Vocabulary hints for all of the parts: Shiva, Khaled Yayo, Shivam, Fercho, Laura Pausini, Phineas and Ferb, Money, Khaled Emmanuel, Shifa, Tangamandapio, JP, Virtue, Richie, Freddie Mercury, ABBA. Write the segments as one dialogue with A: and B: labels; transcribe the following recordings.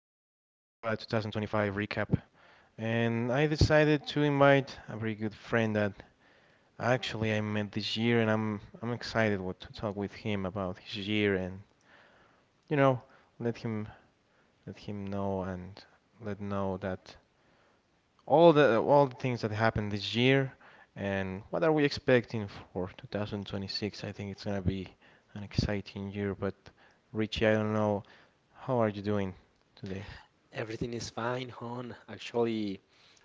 A: 2025 recap. And I decided to invite a very good friend that actually I met this year and I'm excited what to talk with him about his year and you know, let him let him know and let know that all the things that happened this year, and what are we expecting for 2026? I think it's gonna be an exciting year, but Richie, I don't know, how are you doing today?
B: Everything is fine, hon. Actually,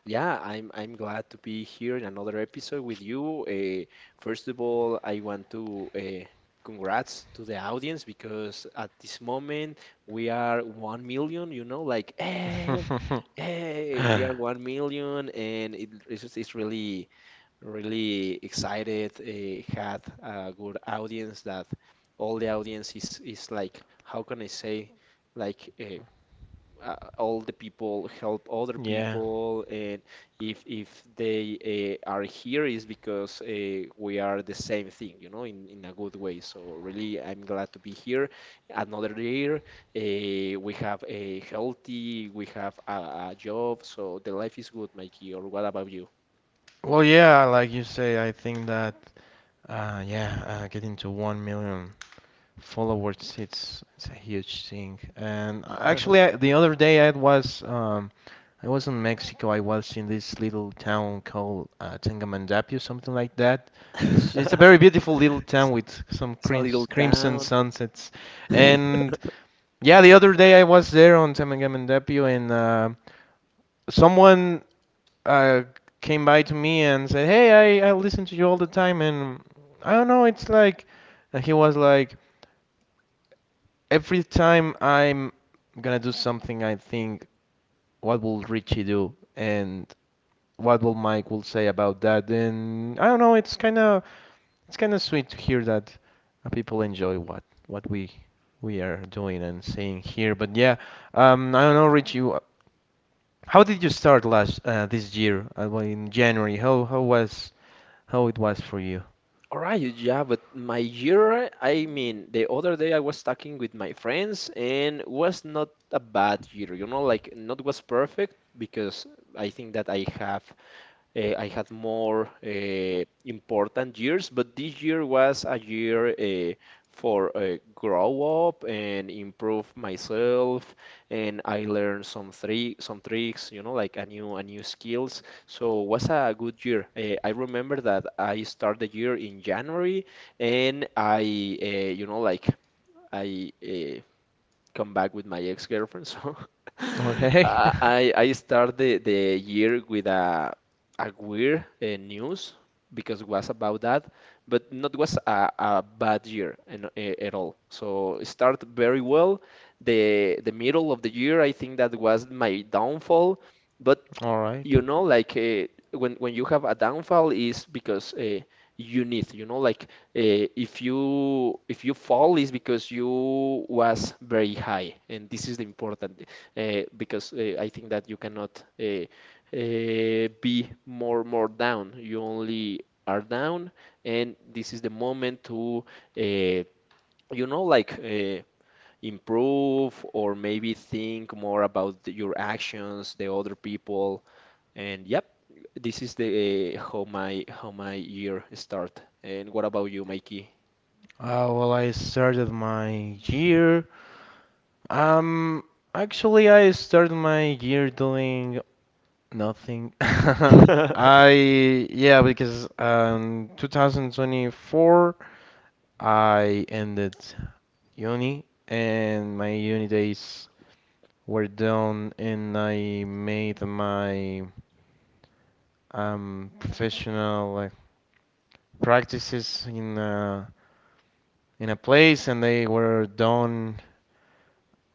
B: yeah, I'm glad to be here in another episode with you. First of all, I want to congrats to the audience because at this moment we are 1 million. You know, like hey, hey, we are 1 million, and it's really really excited. Had a good audience that all the audience is like how can I say like. Uh, all the people help other
A: Yeah.
B: people and if they are here is because we are the same thing you know in a good way, so really I'm glad to be here another year. We have a healthy, we have a job, so the life is good, Mikey. Or what about you?
A: Well, yeah, like you say, I think that yeah, getting to 1 million followers, it's a huge thing. And actually, I, the other day I was in Mexico. I was in this little town called Tangamandapio, something like that. It's a very beautiful little town with some
B: It's a little
A: crimson
B: town.
A: sunsets. And yeah, the other day I was there on Tangamandapio, and someone uh, came by to me and said, "Hey, I listen to you all the time, and I don't know. It's like." And he was like, every time I'm gonna do something, I think, what will Richie do, and what will Mike will say about that? And I don't know. It's kind of sweet to hear that people enjoy what we are doing and saying here. But yeah, I don't know, Richie. How did you start last this year? Well, in January, how was how it was for you?
B: All right, yeah, but my year, I mean, the other day I was talking with my friends and was not a bad year, you know, like not was perfect because I think that I have I had more important years, but this year was a year for grow up and improve myself, and I learned some tricks, you know, like a new skills. So was a good year. I remember that I started the year in January, and I you know I come back with my ex-girlfriend. So
A: Okay,
B: I start the year with a weird news because it was about that, but not was a bad year and, at all. So it started very well. The middle of the year, I think that was my downfall. But
A: all right.
B: you know like when you have a downfall is because you need, you know, like if you fall is because you was very high and this is the important because I think that you cannot be more down, you only are down, and this is the moment to uh, you know like improve or maybe think more about your actions, the other people. And yep, this is the how my year start. And what about you, Mikey?
A: Well, I started my year Um, actually, I started my year doing nothing. I, yeah, because 2024 I ended uni and my uni days were done, and I made my professional like practices in a place, and they were done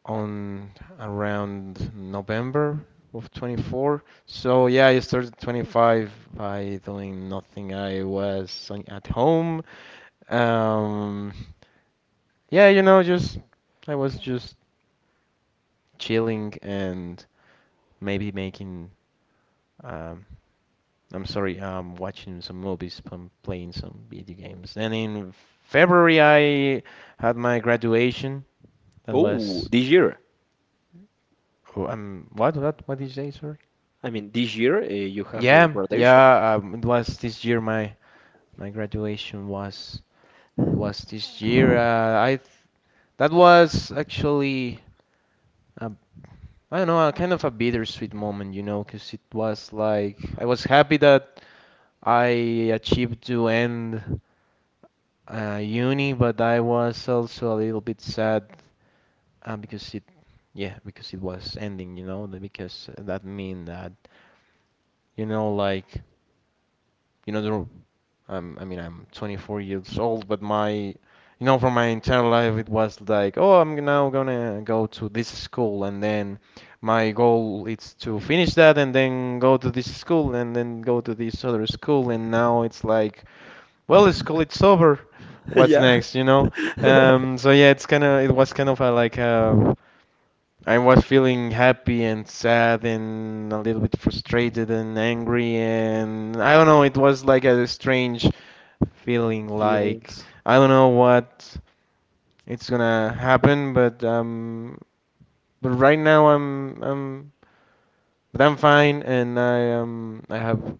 A: on around November of 24. So yeah, I started 25 by doing nothing. I was at home. Um, yeah, you know, just I was just chilling and maybe making um, I'm sorry, watching some movies, playing some video games. And in February, I had my graduation. That
B: Oh,
A: was
B: this year.
A: oh, what did you say, sir?
B: I mean, this year you have your
A: Yeah,
B: graduation.
A: yeah. It was this year. My graduation was it was this year. That was actually I I don't know, a kind of a bittersweet moment, you know, because it was like I was happy that I achieved to end uni, but I was also a little bit sad because it, yeah, because it was ending, you know, because that mean that you know, like you know, the I'm, I mean, I'm 24 years old, but my, you know, for my entire life, it was like, oh, I'm now gonna go to this school, and then my goal is to finish that, and then go to this school, and then go to this other school, and now it's like, well, school, it's over. What's
B: Yeah.
A: next, you know? So yeah, it's kind of, it was kind of a, like a I was feeling happy and sad and a little bit frustrated and angry, and I don't know, it was like a strange feeling like
B: feelings.
A: I don't know what it's gonna happen, but right now I'm but I'm fine, and I have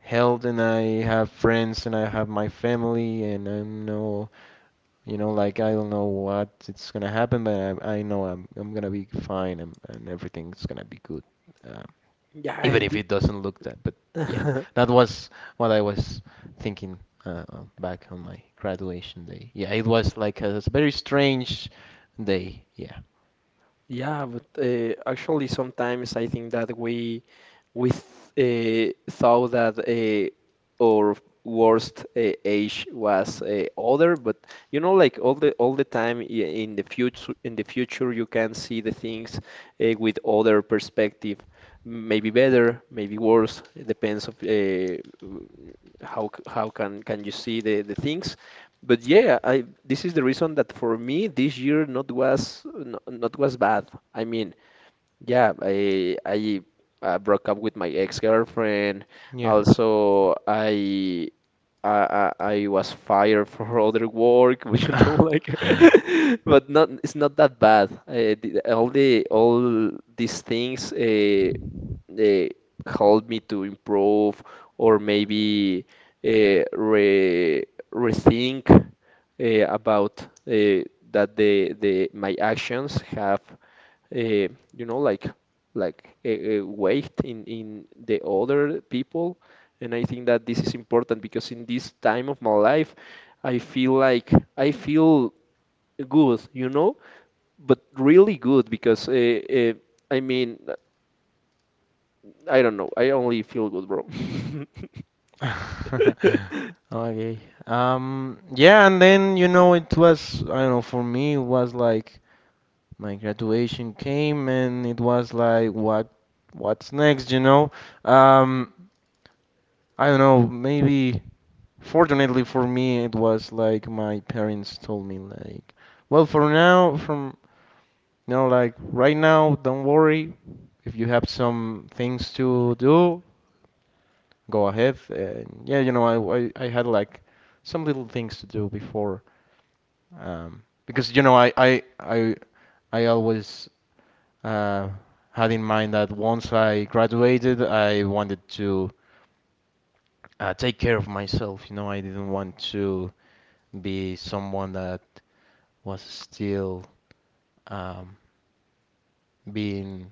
A: health, and I have friends, and I have my family, and I'm no, you know, like I don't know what it's gonna happen, but I know I'm gonna be fine, and everything's gonna be good, uh,
B: Yeah,
A: even
B: and
A: if it doesn't look that. But yeah, that was what I was thinking back on my graduation day. Yeah, it was like very strange day. Yeah,
B: yeah, but actually sometimes I think that we th thought that our worst age was older, but you know, like all the time in the future, you can see the things with other perspective. Maybe better, maybe worse. It depends of how can you see the things. But yeah, I this is the reason that for me this year not was bad. I mean, yeah, I broke up with my ex-girlfriend.
A: yeah.
B: Also, I I was fired for other work, you know, like. But not it's not that bad. All the all these things they helped me to improve or maybe re rethink about that the my actions have you know, like weight in the other people, and I think that this is important because in this time of my life, I feel like I feel good, you know, but really good because uh, I mean, I don't know, I only feel good, bro.
A: Okay. Yeah, and then you know it was I don't know, for me it was like my graduation came, and it was like what what's next, you know? Um, I don't know, maybe fortunately for me it was like my parents told me like, well, for now from you know like right now, don't worry. If you have some things to do, go ahead. And yeah, you know, I had like some little things to do before because you know I always uh, had in mind that once I graduated, I wanted to take care of myself. You know, I didn't want to be someone that was still um, being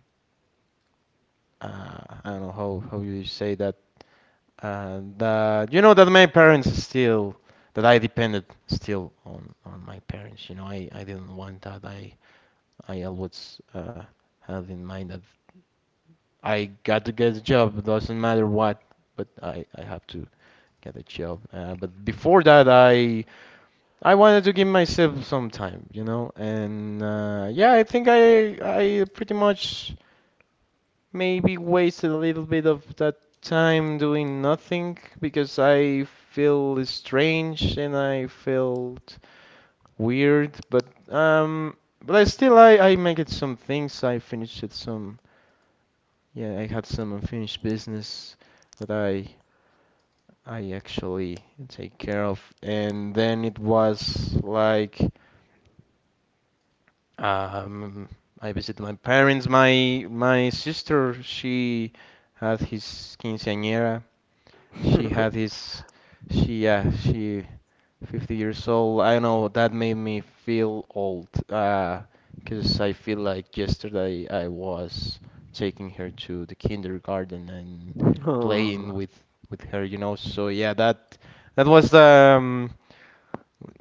A: uh, I don't know how you say that that you know that my parents still that I depended still on my parents. You know, I didn't want that. I always had in mind that I got to get a job. Doesn't matter what, but I have to get a chill. But before that, I wanted to give myself some time, you know. And yeah, I think I pretty much maybe wasted a little bit of that time doing nothing because I feel strange and I felt weird. Um, but I still I make it some things. I finished it some. Yeah, I had some unfinished business that I actually take care of. And then it was like um, I visited my parents. My sister, she had his quinceañera, she had his she yeah she 50 years old. I know that made me feel old. 'Cause because I feel like yesterday I was taking her to the kindergarten and
B: Oh,
A: playing with her, you know. So yeah, that that was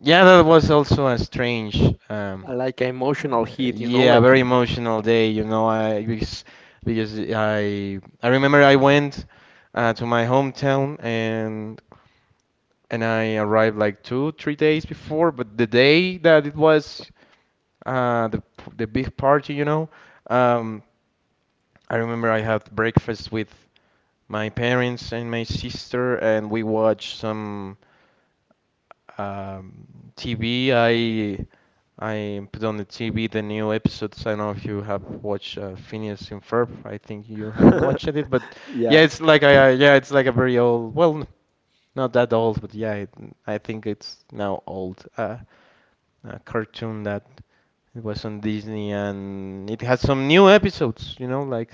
A: yeah that was also a strange um
B: I like emotional heat, you know,
A: yeah,
B: like
A: very emotional day, you know. I remember I went to my hometown, and I arrived like two, 3 days before. But the day that it was the big party, you know, um, I remember I had breakfast with my parents and my sister, and we watched some um, TV. I put on the TV the new episodes. I don't know if you have watched Phineas and Ferb. I think you haven't watched it, but yeah,
B: yeah,
A: it's like a, yeah, it's like a very old. Well, not that old, but yeah, it, I think it's now old. A cartoon that it was on Disney, and it had some new episodes, you know, like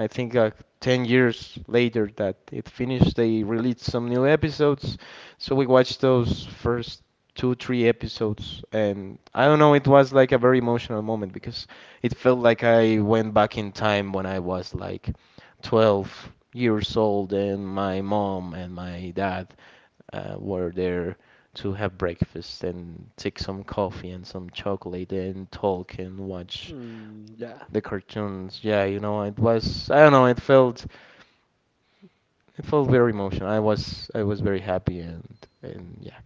A: I think like 10 years later that it finished, they released some new episodes. So we watched those first two, three episodes, and I don't know, it was like a very emotional moment because it felt like I went back in time when I was like 12 years old, and my mom and my dad were there to have breakfast and take some coffee and some chocolate and talk and watch
B: mm, yeah.
A: the cartoons. Yeah, you know, it was I don't know, it felt very emotional. I was very happy, and yeah,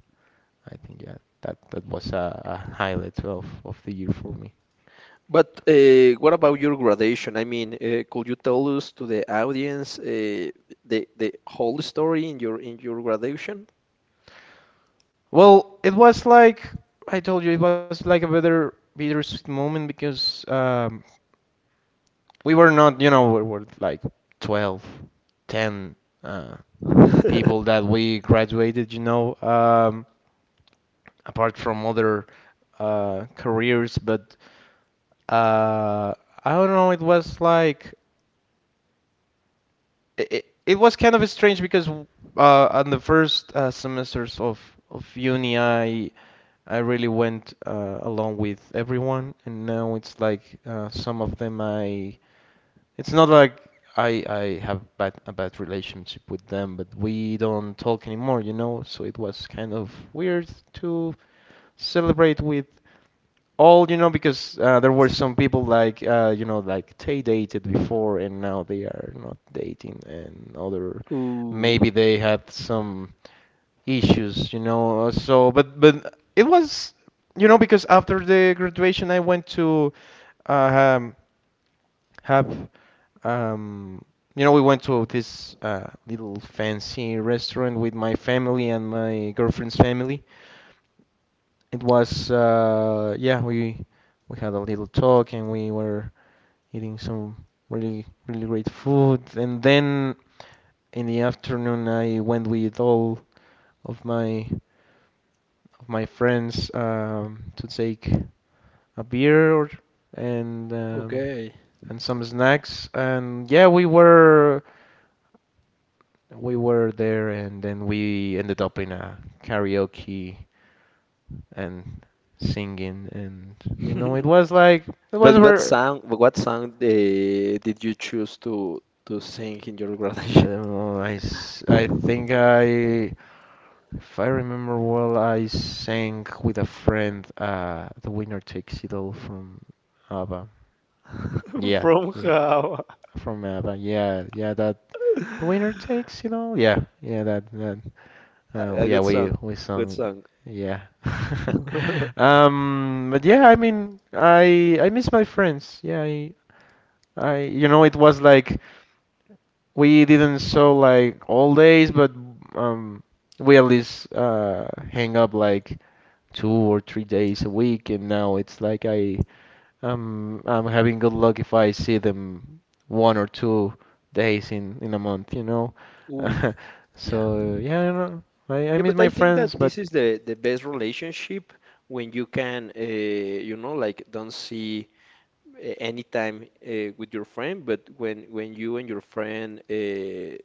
A: I think yeah, that that was a highlight of the year for me.
B: But what about your graduation? I mean, could you tell us to the audience the whole story in your graduation?
A: Well, it was like I told you, it was like a bittersweet moment because we were not, you know, we were like 12, 10, uh, people that we graduated, you know, apart from other careers. But uh, I don't know, it was like it was kind of strange because on the first semesters of uni, I really went along with everyone, and now it's like some of them I it's not like I have bad a bad relationship with them, but we don't talk anymore, you know? So it was kind of weird to celebrate with all, you know, because there were some people like you know, like they dated before and now they are not dating, and other
B: Ooh,
A: maybe they had some issues, you know. But it was, you know, because after the graduation I went to uh, um have um you know we went to this little fancy restaurant with my family and my girlfriend's family. It was yeah, we had a little talk, and we were eating some really great food, and then in the afternoon I went with all of my of my friends to take a beer or, and um,
B: okay.
A: and some snacks, and yeah we were there, and then we ended up in a karaoke and singing, and you know it was like it was
B: But
A: ver
B: what song did you choose to sing in your
A: I
B: graduation?
A: don't know, I think I, if I remember well, I sang with a friend The Winner Takes It All from ABBA. Yeah,
B: From
A: yeah,
B: how?
A: from ABBA. Yeah, yeah that The Winner Takes It All. Yeah, yeah that that
B: A
A: Well,
B: a
A: yeah,
B: good
A: we
B: song,
A: we
B: good
A: sung,
B: song.
A: yeah. But yeah, I mean, I miss my friends. Yeah, I you know it was like we didn't so like all days, but um we at least hang up like 2 or 3 days a week, and now it's like I'm having good luck if I see them 1 or 2 days in a month, you know.
B: Ooh, yeah.
A: So yeah, I don't know. I
B: Yeah,
A: miss
B: but I
A: my
B: think that
A: friends, but.
B: this is the best relationship when you can, you know, like don't see any time with your friend, but when you and your friend,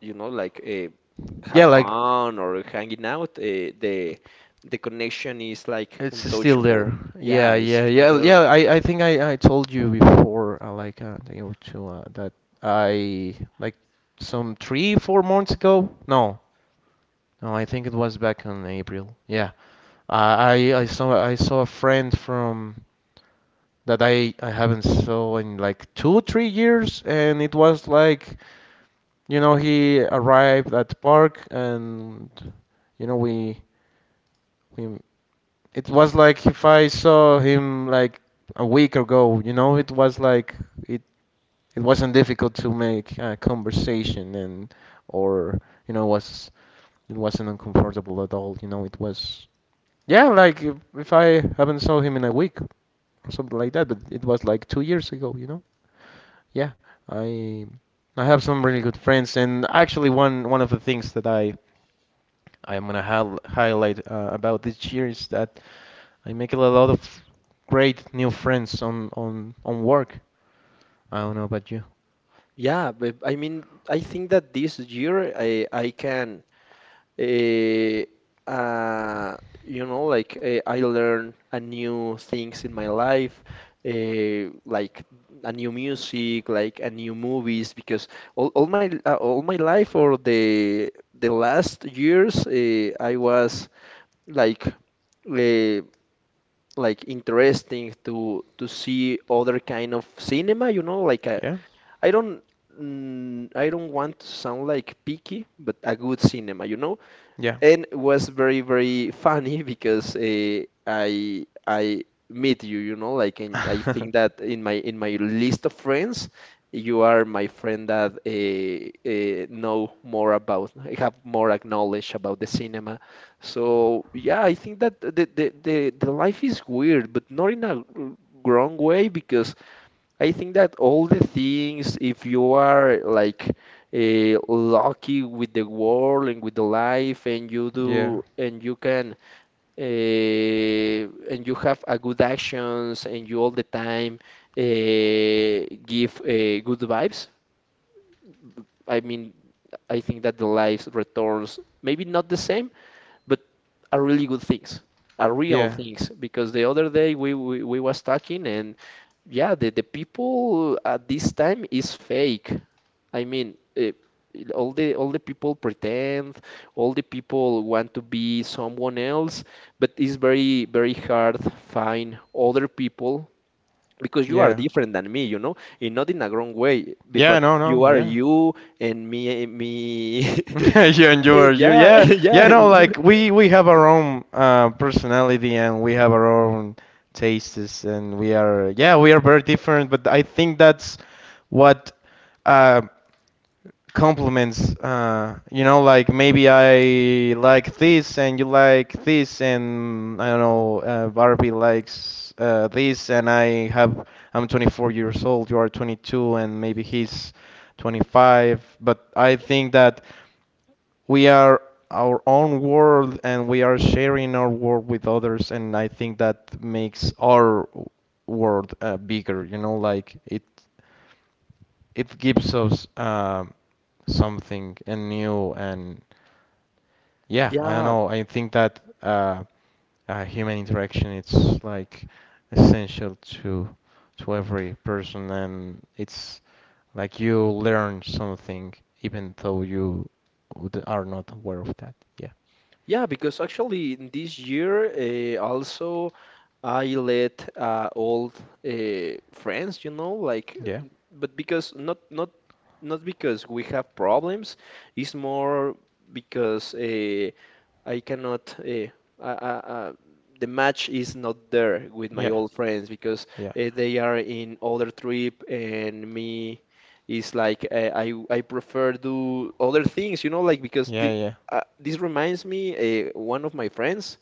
B: you know, like have
A: Yeah, like
B: fun or hanging out, the the connection is like
A: it's still
B: untouchable.
A: there.
B: Yeah,
A: Yeah,
B: it's
A: yeah,
B: still
A: yeah,
B: there.
A: yeah. I think I told you before, like a day or two, that I like some 3, 4 months ago. No, no, I think it was back in April. Yeah, I saw a friend from that I haven't saw in like 2, 3 years, and it was like, you know, he arrived at the park. And you know, we it was like if I saw him like a week ago, you know, it was like it it wasn't difficult to make a conversation, and or, was it wasn't uncomfortable at all, you know, it was, yeah, like if I haven't saw him in a week or something like that, but it was like 2 years ago, you know? Yeah, I I have some really good friends, and actually one of the things that I am gonna hal highlight about this year is that I make a lot of great new friends on work. I don't know about you.
B: Yeah, but I mean, I think that this year I can. eh, uh, you know, like I learn a new things in my life, like a new music, like a new movies, because all my life or the last years, I was like uh, like interesting to see other kind of cinema, you know, like
A: Yeah,
B: I don't. I don't want to sound like picky, but a good cinema, you know?
A: yeah,
B: And it was very very funny because I meet you, you know, like and I think that in my list of friends, you are my friend that know more about, have more knowledge about the cinema. So yeah, I think that the life is weird, but not in a wrong way because I think that all the things, if you are like lucky with the world and with the life, and you
A: yeah,
B: do, and you can, uh, and you have a good actions, and you all the time give good vibes. I mean, I think that the life returns maybe not the same, but are really good things, are real
A: yeah,
B: things. Because the other day we was talking and yeah, the people at this time is fake. I mean, all the people pretend, all the people want to be someone else, but it's very very hard find other people because you are
A: yeah,
B: different than me, you know, and not in a wrong way,
A: yeah.
B: but
A: No,
B: you
A: no,
B: are
A: yeah.
B: you and me me.
A: You and you you.
B: Yeah,
A: Yeah, yeah.
B: yeah,
A: No, like we have our own personality, and we have our own tastes, and we are, yeah, we are very different. But I think that's what. Uh, Compliments, like, maybe I like this and you like this, and I don't know, Barbie likes, this, and I'm 24 years old, you are 22, and maybe he's 25, but I think that we are our own world, and we are sharing our world with others. And I think that makes our world bigger, you know, like it gives us something and new, and yeah, I don't
B: yeah.
A: know. I think that human interaction, it's like essential to every person, and it's like you learn something even though you are not aware of that. Yeah,
B: Yeah, because actually in this year also I let old friends, you know, like,
A: yeah,
B: but because not not because we have problems, it's more because I cannot uh, uh, uh, the match is not there with my
A: yeah,
B: old friends because
A: yeah,
B: they are in other trip and me is like I prefer do other things, you know, like because
A: yeah, yeah.
B: this reminds me, one of my friends,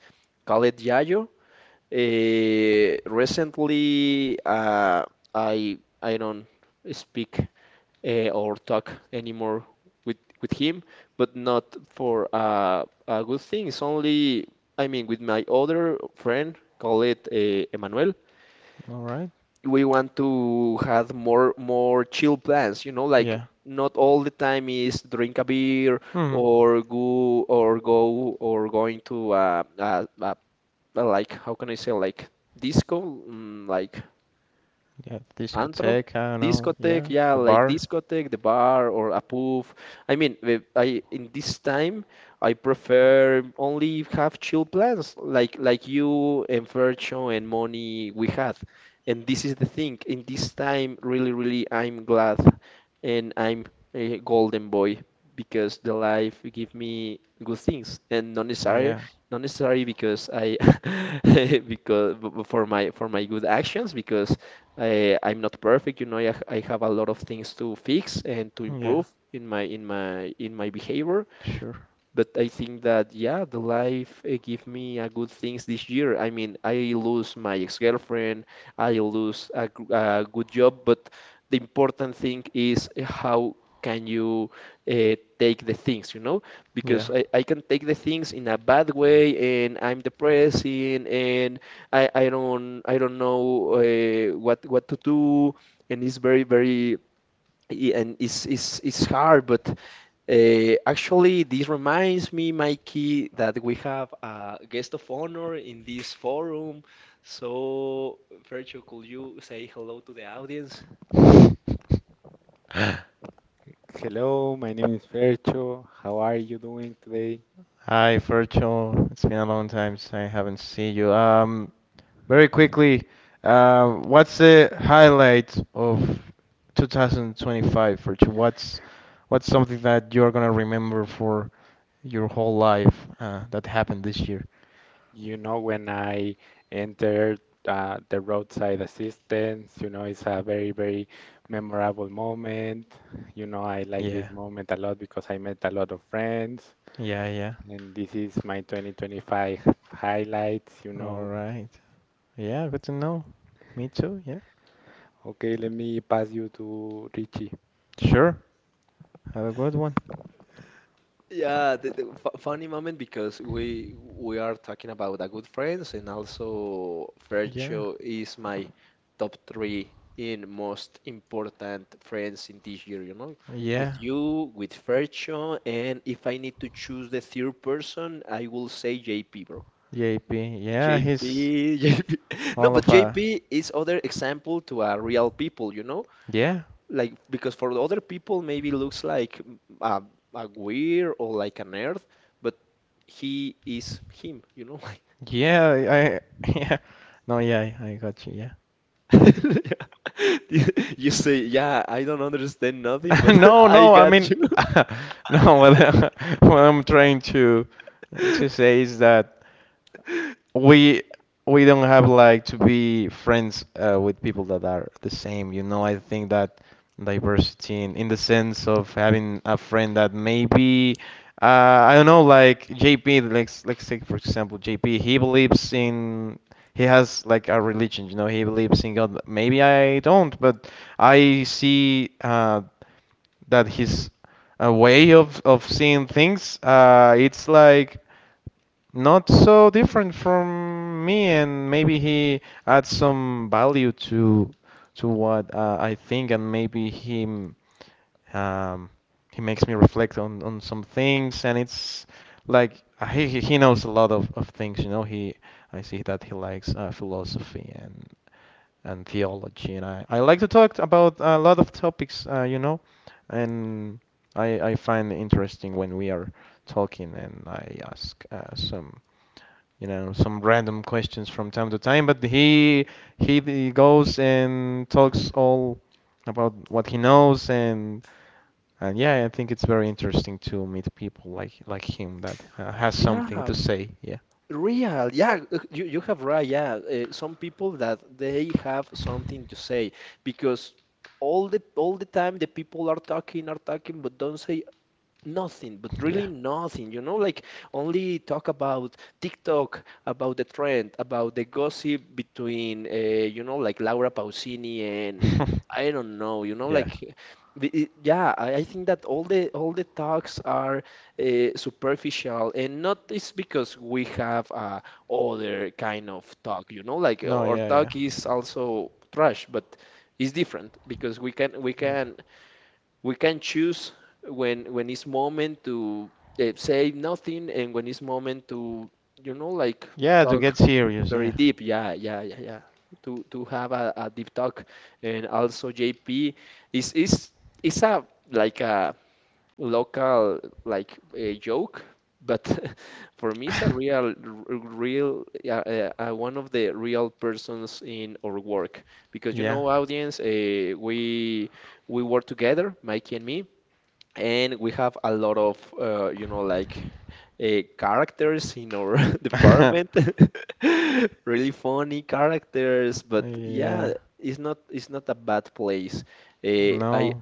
B: Khaled Yayo, recently I don't speak or talk anymore with him, but not for a good thing. It's only, I mean, with my other friend, Khaled Emmanuel,
A: All right.
B: we want to have more chill plans, you know, like
A: Yeah.
B: not all the time is drink a beer
A: Hmm.
B: or go or go or going to like how can I say like like
A: Yeah.
B: antro,
A: Discotheque. I don't know.
B: discotheque,
A: Yeah.
B: yeah,
A: The
B: like
A: bar.
B: discotheque, the bar or a pub. I mean, I in this time I prefer only have chill plans like you and Virtue and Money we had. And this is the thing. In this time, really, really, I'm glad and I'm a golden boy because the life give me good things and not necessary
A: Yeah.
B: not necessary because I because for my good actions because I'm not perfect, you know, I have a lot of things to fix and to
A: Yeah.
B: improve in my in my behavior.
A: Sure.
B: But I think that yeah, the life give me a good things this year. I mean, I lose my ex-girlfriend, I lose a good job, but the important thing is how can you take the things, you know?
A: Yeah.
B: Because I can take the things in a bad way, and I'm depressing, and I don't know what what to do, and it's very very and it's it's hard, but. Actually, this reminds me, Mikey, that we have a guest of honor in this forum. So, Fercho, could you say hello to the audience? Hello, my name is Fercho. How are you doing today?
A: Hi, Virgil. It's been a long time since I haven't seen you. Very quickly, what's the highlight of 2025, Virgil? What's something that you're gonna remember for your whole life that happened this year?
B: You know, when I entered the roadside assistance, you know, it's a very, very memorable moment. You know, I like this
A: Yeah,
B: moment a lot because I met a lot of friends.
A: yeah, yeah.
B: And this is my 2025 highlights, you
A: All
B: know.
A: right. Yeah, good to know. Me too. Yeah.
B: Okay, let me pass you to Richie.
A: Sure. Have a good one.
B: Yeah, the funny moment because we are talking about the good friends, and also
A: Yeah.
B: Fercho is my top three in most important friends in this year, you know, with
A: Yeah.
B: you, with Fercho, and if I need to choose the third person, I will say JP, bro.
A: JP. Yeah,
B: JP,
A: he's
B: no,
A: all
B: but
A: of a.
B: JP is other example to a real people, you know?
A: Yeah.
B: Like because for the other people maybe looks like a weird or like a nerd, but he is him, you know?
A: Yeah, I yeah. No, yeah, I got you. Yeah.
B: Like you say, yeah, I don't understand nothing, but
A: No,
B: I
A: no. I
B: got
A: mean,
B: you.
A: no. What, what I'm trying to say is that. we we don't have like to be friends with people that are the same. You know, I think that diversity in the sense of having a friend that maybe, I don't know, like JP. Let's take for example JP. He believes in he has like a religion. You know, he believes in God. Maybe I don't, but I see that his way of seeing things. It's like. Not so different from me, and maybe he adds some value to what, I think, and maybe him, um, he makes me reflect on some things, and it's like he knows a lot of things, you know. He I see that he likes philosophy and theology, and I like to talk about a lot of topics, you know, and I find it interesting when we are talking, and I ask some random questions from time to time, but he goes and talks all about what he knows, and yeah, I think it's very interesting to meet people like him that has something
B: Yeah,
A: to say. Yeah.
B: real, yeah, you have right. Yeah, some people that they have something to say because all the time the people are talking but don't say nothing, but really
A: Yeah.
B: nothing, you know, like only talk about TikTok, about the trend, about the gossip between, you know, like Laura Pausini and I don't know, you know,
A: Yeah.
B: like yeah, I think that all the talks are superficial and not it's because we have other kind of talk, you know, like
A: No,
B: our
A: yeah, yeah.
B: talk is also trash, but it's different because we can we
A: Yeah.
B: can we can choose when it's moment to say nothing and when it's moment to, you know, like
A: Yeah, to
B: talk
A: get serious,
B: very
A: yeah.
B: deep, yeah, yeah, yeah, yeah, to have a deep talk. And also JP is is is a like a local, like a joke, but for me it's a real, real one of the real persons in our work because, you
A: Yeah.
B: know, audience, we work together, Mikey and me, and we have a lot of you know, like characters in our department, really funny characters, but yeah,
A: Yeah.
B: it's not a bad place. I
A: No.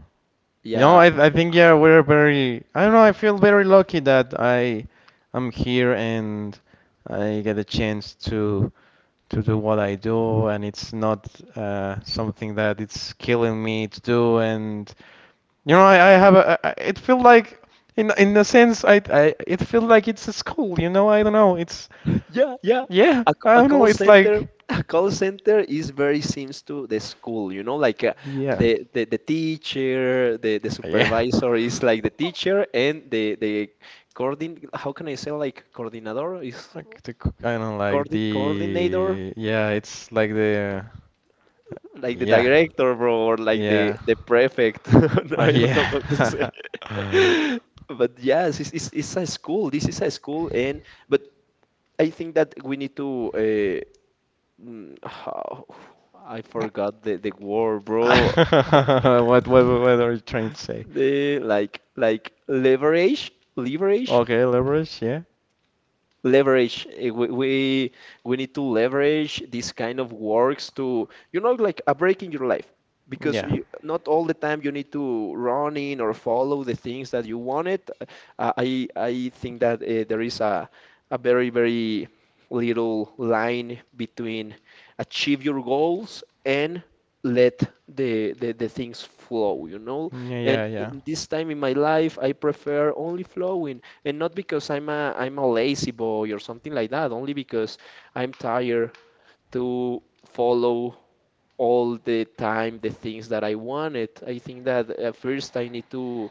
A: You know,
B: yeah.
A: I think, yeah, we're very. I don't know. I feel very lucky that I am here and I get a chance to do what I do, and it's not something that it's killing me to do. And you know, I have a. It feel like in a sense, I it feel like it's a school. You know, I don't know. It's
B: Yeah, yeah.
A: yeah. I
B: A
A: don't know.
B: call
A: It's
B: center,
A: like
B: a call center is very seems to the school, you know, like
A: yeah,
B: the, the teacher, the
A: yeah.
B: supervisor is like the teacher and the coordin how can I say, like, coordinator is
A: Like the I don't know, like
B: coordinator,
A: the yeah. It's like the
B: like the
A: yeah.
B: director, bro, or like the
A: Yeah.
B: the prefect. No, I don't know how to say.
A: Yeah.
B: But yes, it's it's a school. This is a school. And but I think that we need to. How I forgot the word, bro.
A: What are you trying to say?
B: The, like, leverage, leverage.
A: Okay, leverage, yeah.
B: Leverage, eh, we we need to leverage these kind of works to, you know, like a break in your life, because
A: Yeah.
B: you, not all the time you need to run in or follow the things that you wanted. I think that there is a very little line between achieve your goals and let the, the things flow, you know. And
A: Yeah, yeah,
B: in this time in my life I prefer only flowing, and not because I'm a lazy boy or something like that, only because I'm tired to follow all the time the things that I wanted. I think that first I need to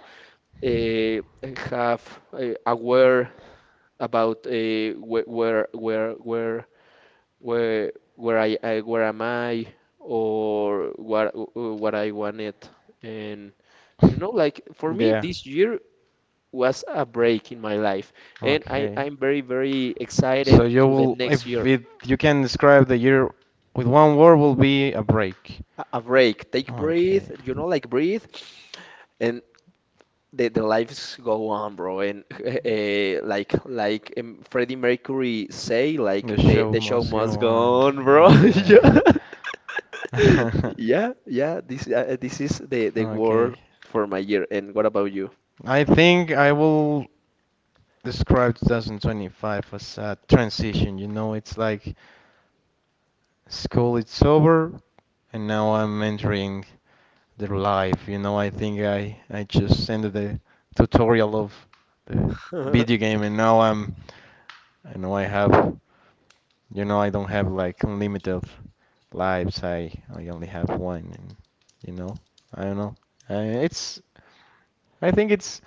B: uh, have aware about where where where where where I where am I or what I wanted. And,
A: yeah.
B: you know, like, for me
A: Yeah.
B: this year was a break in my life, and
A: Okay.
B: I'm very, very excited
A: So you
B: to the
A: will
B: next
A: if
B: year.
A: it you can describe the year with one word, will be a break.
B: A break, take breathe,
A: Okay.
B: you know, like breathe. And the, lives go on, bro. And like Freddie Mercury say,
A: The
B: like,
A: show
B: the show
A: must go
B: must go
A: on.
B: on, bro.
A: Yeah.
B: Yeah, yeah, yeah. This this is the word
A: Okay.
B: for my year. And what about you?
A: I think I will describe 2025 as a transition. You know, it's like school it's over, and now I'm entering the life. You know, I think I just ended the tutorial of the video game, and now I know I have, you know, I don't have like unlimited lives. I only have one, and you know, I don't know. It's I think it's,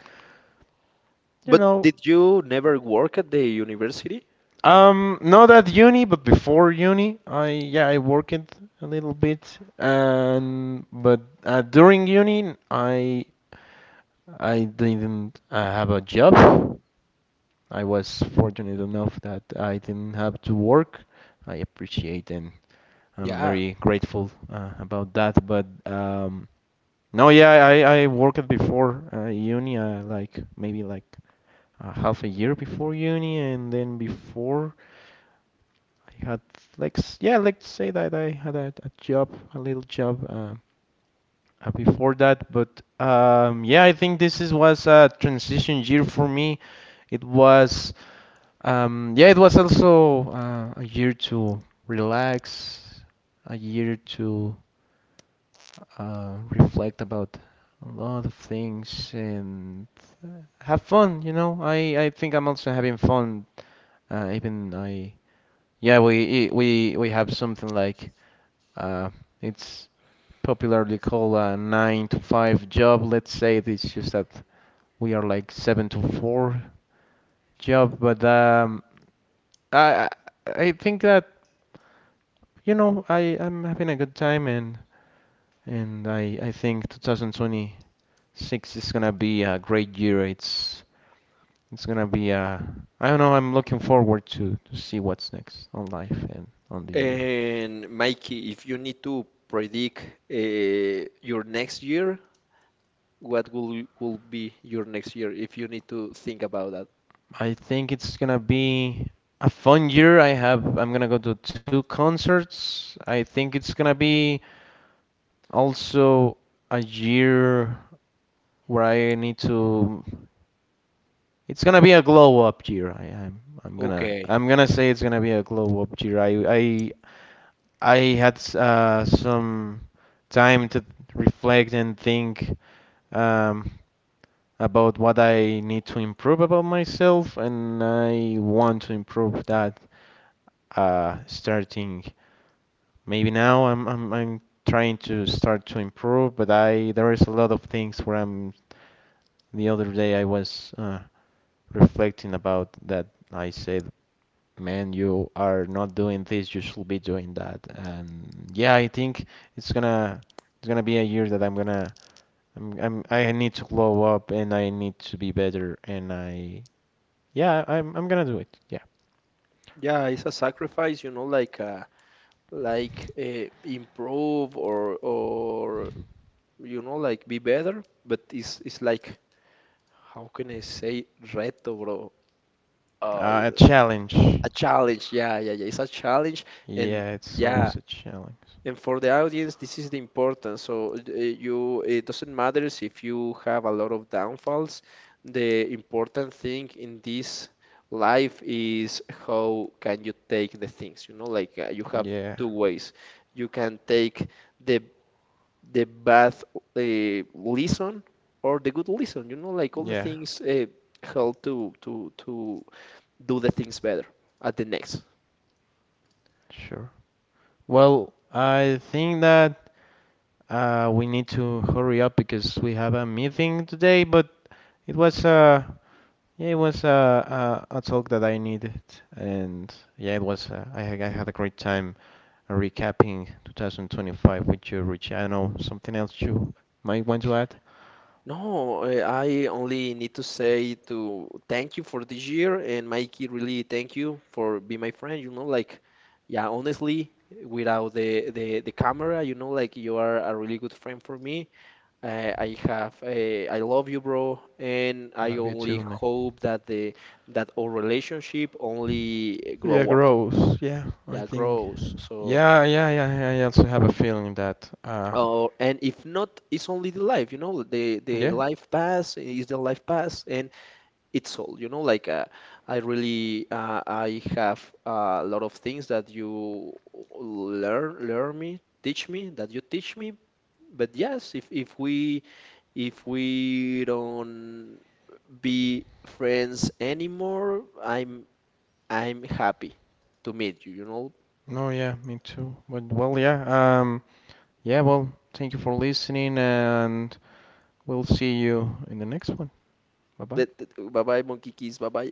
A: you
B: But
A: know.
B: did you never work at the university?
A: Not at uni, but before uni, I yeah, I worked a little bit, and but during uni, I didn't have a job. I was fortunate enough that I didn't have to work. I appreciate and I'm very grateful about that. But no, yeah, I worked before uni, like maybe half a year before uni, and then before I had like yeah, let's say that I had a job, a little job. Before that. But yeah, I think this is, was a transition year for me. It was, yeah, it was also a year to relax, a year to, reflect about a lot of things and have fun. You know, I think I'm also having fun. Even I, yeah, we have something like, uh, it's popularly called a nine to five job. Let's say it is just that we are like seven to four job, but I I I think that, you know, I'm having a good time, and I think 2026 is gonna be a great year. It's gonna be a, I don't know. I'm looking forward to see what's next on life and on the year.
B: And Mikey, if you need to predict your next year, what will be your next year if you need to think about that?
A: I think it's gonna be a fun year. I'm gonna go to two concerts. I think it's gonna be also a year where I need to it's gonna be a glow up year.
B: Okay.
A: I'm gonna say it's gonna be a glow up year. I had some time to reflect and think, um, about what I need to improve about myself, and I want to improve that, starting. Maybe now I'm trying to start to improve, but I there is a lot of things where I'm. The other day I was reflecting about that. I said, "Man, you are not doing this. You should be doing that." And yeah, I think it's gonna it's gonna be a year that I'm gonna I'm I need to glow up and I need to be better. And I yeah, I'm gonna do it. Yeah,
B: Yeah, it's a sacrifice, you know, like improve or, you know, like be better. But it's like, how can I say reto, bro? Uh,
A: a challenge.
B: a challenge. Yeah, yeah, yeah. It's a challenge, and
A: Yeah, it's
B: yeah.
A: always a challenge.
B: And for the audience, this is the importance. So you, it doesn't matter si if you have a lot of downfalls. The important thing in this life is how can you take the things. You know, like you have
A: Yeah,
B: two ways. You can take the bad lesson or the good lesson. You know, like all the
A: yeah,
B: things how to do the things better at the next.
A: sure. Well, I think that, we need to hurry up because we have a meeting today, but it was, yeah, it was a talk that I needed, and yeah, it was I had a great time recapping 2025 with you, Richie. I know something else you might want to add.
B: No, I only need to say to thank you for this year, and Mikey, really thank you for being my friend. You know, like, yeah, honestly, without the camera, you know, like you are a really good friend for me. I have, I love you, bro, and I
A: Love you
B: only
A: too, man.
B: hope that the that our relationship only eh,
A: Yeah,
B: grow up.
A: gross. Yeah, I
B: Yeah,
A: think.
B: grows. So.
A: Yeah, yeah, yeah. Yeah, I also have a feeling that,
B: Oh, and if not, it's only the life, you know, the
A: yeah.
B: life pass is the life pass. And it's all, you know, like, I really I have a lot of things that you learn learn me teach me that you teach me. But yes, if if we don't be friends anymore, I'm happy to meet you, you know,
A: No, yeah, me too. But well, yeah, um, yeah, well, thank you for listening, and we'll see you in the next one. Bye bye.
B: that. Bye bye, monkey kiss, bye bye.